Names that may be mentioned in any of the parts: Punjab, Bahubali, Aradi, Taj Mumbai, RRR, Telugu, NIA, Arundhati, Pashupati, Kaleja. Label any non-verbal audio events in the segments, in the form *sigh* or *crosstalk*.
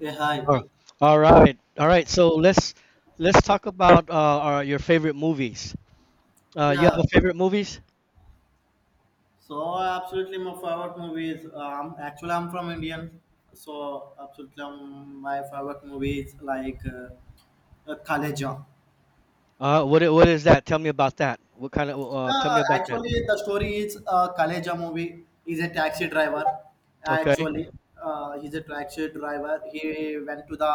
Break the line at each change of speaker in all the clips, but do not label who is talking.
Yeah, hi.
All right. All right. All right. So let's talk about your favorite movies. You have
Yeah,
a favorite movies?
so absolutely my favorite movie is actually I'm from Indian, so absolutely my favorite movie is like Kaleja.
What is that? Tell me about that. What kind of tell
Uh,
me about that.
actually, the story is Kaleja movie. He's a taxi driver.
Okay.
Actually, he's a taxi driver. He went to the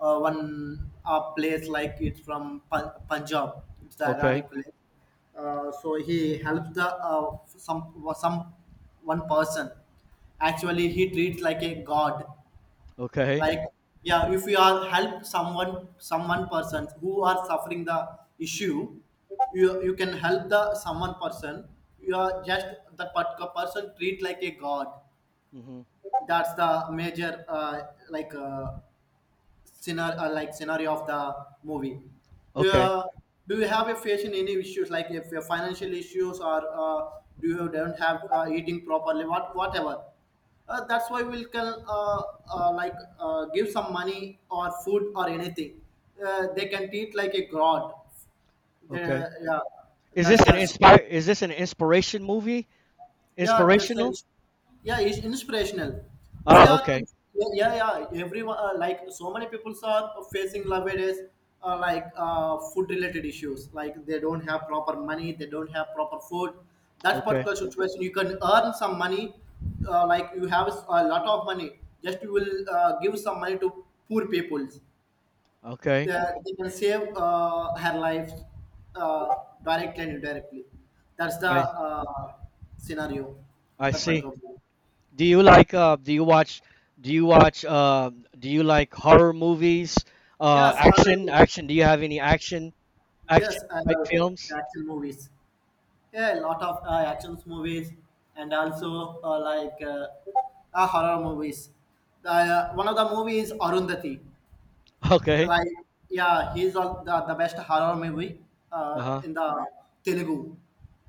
one place like it's from Punjab. It's the
Okay.
Aradi place. So he helps the some one person. Actually, he treats like a god.
Okay.
Like, yeah, if we are help someone person who are suffering the issue, you can help the someone person. You are just that particular person treat like a god.
Hmm.
That's the major like scenario like scenario of the movie.
Okay.
Uh, do you have a facing any issues like if your financial issues or do you don't have eating properly whatever that's why we can like give some money or food or anything. They can treat like a god. They,
Okay.
yeah. That's the,
Is this an inspiration movie?
yeah, that's a,
Inspirational?
yeah, it's inspirational. If you
Ah,
are
okay.
if, yeah, yeah, yeah, everyone like so many people are facing nowadays like food related issues like they don't have proper money, they don't have proper food. That
Okay.
particular situation you can earn some money. Like you have a lot of money, just you will give some money to poor people.
Okay.
They can save her life uh, directly and indirectly. That's the
I
scenario,
I
the
see.
patrol.
Do you like do you watch uh do you like horror movies?
Yes, I like it.
Action. Do you have any action?
Yes,
Action
I
type
love
films? *laughs*
action movies. Yeah, a lot of action movies and also like horror movies. One of the movies is Arundhati.
Okay.
Like, yeah, he's on the best horror movie
Uh-huh.
in the Telugu.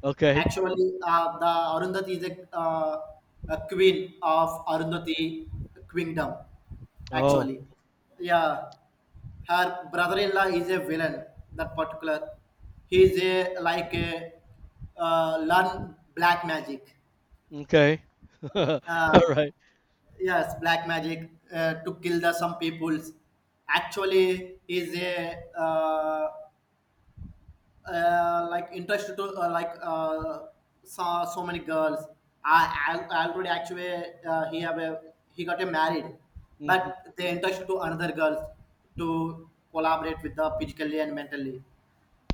Okay.
Actually, the Arundhati is a queen of Arundhati kingdom.
Oh,
Actually, yeah, her brother-in-law is a villain. That particular, he is a like a learn black magic.
okay. *laughs* All
Uh,
right.
yes, black magic to kill the some peoples. Actually, is a like interested to like so many girls. I already actually he got a married,
Mhm.
but they interested to another girls to collaborate with the physically and mentally.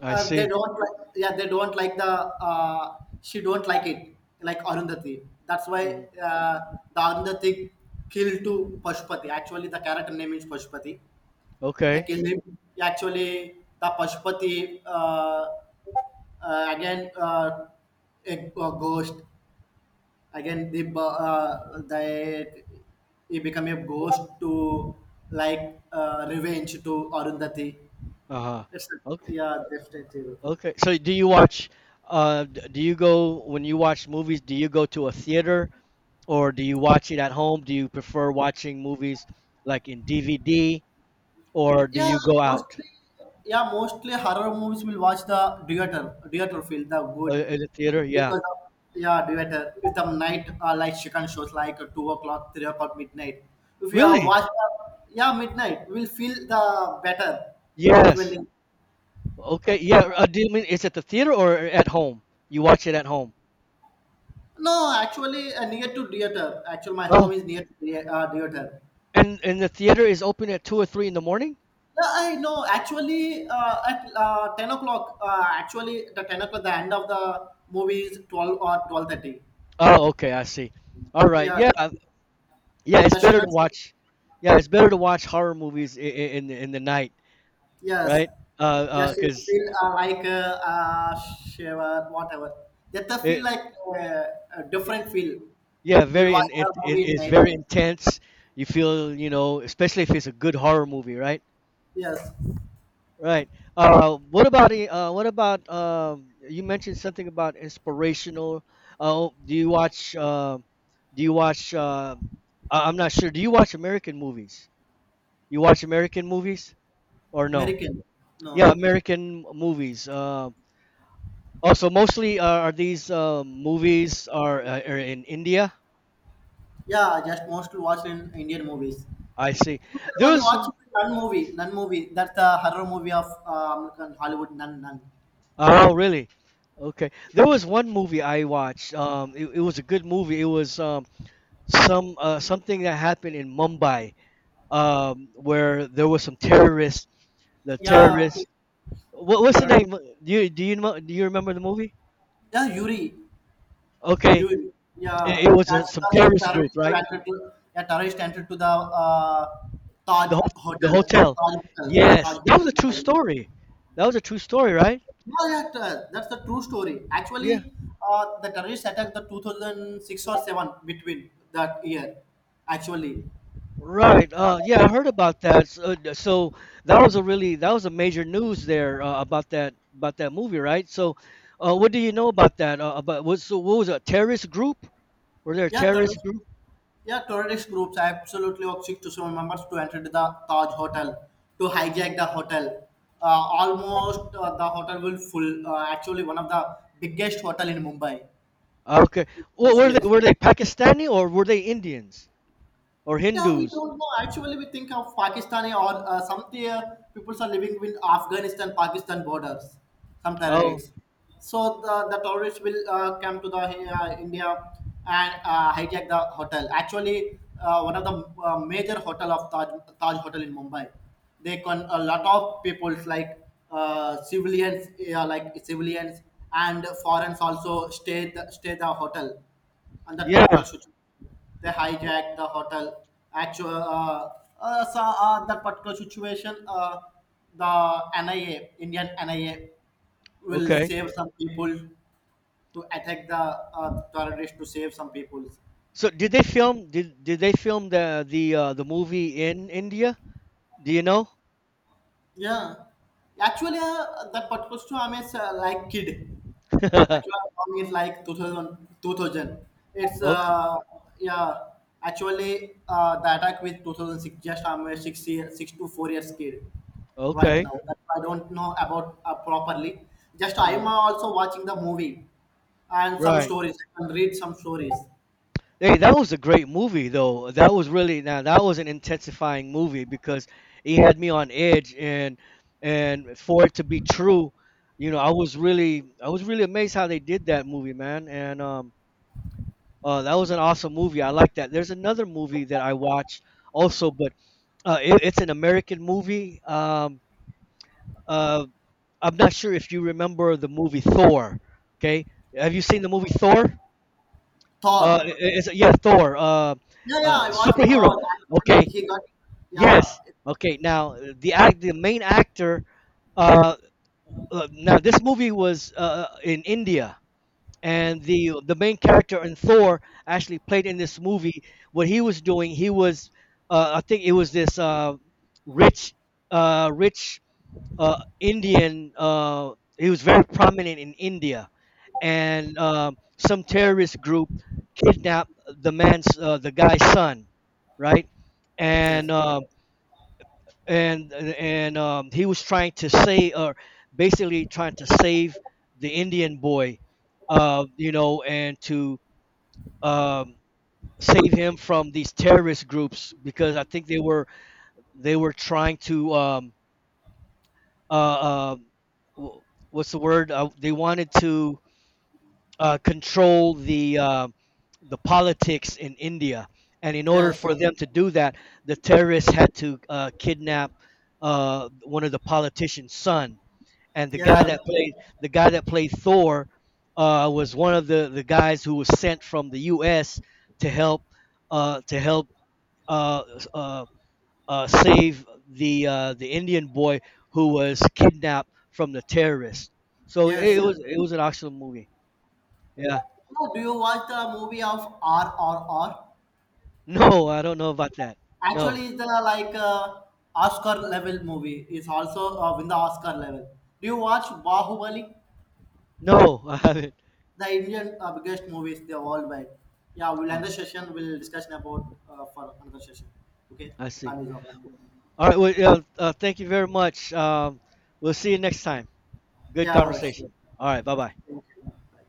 I
They
see.
don't like, yeah, they don't like the she don't like it like Arundhati. That's why
Mhm.
the Arundhati killed to Pashupati. Actually, the character name is Pashupati. They
Okay.
killed him. Actually, the Pashupati. Again a ghost, again the bu- they he become a ghost to like revenge to Arundhati.
Uh-huh.
It's a,
Okay.
yeah, definitely.
Okay. So do you watch do you go when you watch movies, do you go to a theater or do you watch it at home? Do you prefer watching movies like in DVD or do
Yeah,
you go out
mostly, yeah, mostly horror movies will watch the theater. Theater feel the good
in the theater? Yeah.
because of, yeah, theater with the night like second shows like 2 o'clock 3 o'clock midnight. If you are
Really?
watch the, Yeah, midnight will feel the better
Yes.
actually.
Okay. Yeah. Do you mean is it the theater or at home? You watch it at home?
No, actually, near to theater. Actually, my home is near to theater.
And the theater is open at two or three in the morning?
No, I know. Actually, at 10 o'clock. Actually, the 10 o'clock. The end of the movie is 12 or 12:30.
Oh, okay, I see. All right,
Yeah,
yeah,
the,
yeah. It's
the
better
second
to
show.
watch. Yeah, it's better to watch horror movies in in the night,
Yes,
right?
just it
Because
feel like shiver, whatever. That the feel
it,
like a
it-
different feel.
yeah,
We'll watch
it
the
it
movie in
is
night
very
time.
intense. You feel you know, especially if it's a good horror movie, right?
Yes,
Right. What about what about um? You mentioned something about inspirational. Oh, do you watch um? Do you watch uh? I'm not sure. Do you watch American movies? You watch American movies or no?
American. No,
Yeah,
no.
American movies. Also, mostly are these movies are in India.
Yeah, I just mostly watch in Indian movies.
I see. There
Everyone
was
watch Nun movie. Nun movie. That's the horror movie of American Hollywood. Nun, Nun.
oh really? Okay, there was one movie I watched. It was a good movie. It was some something that happened in Mumbai, where there was some terrorists. The
Yeah. Okay.
terrorists. What's the
Terror-
name? Do you know, do you remember the movie?
Yeah, Yuri.
Okay,
Yuri.
it,
Yeah.
it was
That's
some
the
terrorist group,
terrorist who
right?
entered to, yeah, terrorist entered to the uh, Taj
The ho- the
Hotel.
hotel.
Taj Hotel. Yeah,
Yes,
Taj
that was a true
Mumbai.
story. That was a true story, right?
Yeah, yeah, that's the true story.
Yeah.
Actually, the terrorist attacked the 2006 or 7 between that year. Actually,
Right. Yeah,
uh,
I heard about that. So, so that was a really that was a major news there about that movie, right? So, what do you know about that? About was so what was it, a terrorist group? Were there a
yeah,
terrorist
terrorist.
group?
Yeah, terrorist groups absolutely took to some members to enter the Taj Hotel, to hijack the hotel. Uh, Almost the hotel will full. Actually, one of the biggest hotel in Mumbai.
Ah, okay.
It
Well,
was this.
were they Pakistani or were they Indians or
Yeah, we
Hindus?
don't know. Actually, we think of Pakistani or some people are living with Afghanistan Pakistan borders, some
Oh,
terrorists. So the terrorists will come to the India and hijack the hotel. Actually, one of the major hotel of Taj, Taj Hotel in Mumbai. They con a lot of peoples like civilians, yeah, like civilians and foreigners also stay the hotel and that particular
yeah.
shooting. They hijacked the hotel. Actual, so, that particular situation, the NIA, Indian NIA, will
Okay.
save some people to attack the terrorists to save some people.
So did they film the movie in India? Do you know?
Yeah, actually, that particular story I'm like kid.
*laughs*
Actual song is like 2000, 2000. It's
Okay,
yeah, actually, the attack with 2006, just I'm a 6 to 4 years kid right
okay.
now that I don't know about properly. Just I'm
Mm,
also watching the movie and some
right.
stories I can read some stories.
Hey, that was a great movie though. That was really now that was an intensifying movie because it had me on edge and for it to be true, you know, I was really amazed how they did that movie, man. And that was an awesome movie. I like that. There's another movie that I watched also, but it's an American movie. Uh I'm not sure if you remember the movie Thor, okay? Have you seen the movie Thor?
Thor.
It's yeah, Thor.
Yeah, yeah, I watched the
Superhero.
Thor.
Okay.
Actually he got, yeah,
Yes. Okay. Now the main actor. Uh, now this movie was in India, and the main character in Thor actually played in this movie. What he was doing, he was, I think it was this rich, rich Indian. He was very prominent in India and some terrorist group kidnapped the man's the guy's son, right? And
yes,
and he was trying to say or basically trying to save the Indian boy, you know, and to um, save him from these terrorist groups because I think they were trying to uh, uh, wh- what's the word? They wanted to control the politics in India, and in order
yes,
for them to do that, the terrorists had to kidnap one of the politicians' son, and
yeah,
the guy that played Thor was one of the guys who was sent from the U.S. to help to help uh, uh, save the Indian boy who was kidnapped from the terrorists. So
yes.
it was an awesome movie. Yeah.
No, do you watch the movie of RRR?
No, I don't know about that. No,
Actually, it's the like Oscar level movie. It's also in the Oscar level. Do you watch Bahubali?
no, I haven't.
The Indian biggest movies they worldwide. Yeah, we'll
Oh,
end the session. We'll discussion about for another session. Okay,
I
the
see.
time is up.
All right. Well, yeah, thank you very much. We'll see you next time. Good
Yeah, sure.
conversation. All right. Bye bye.
Thank you. Bye.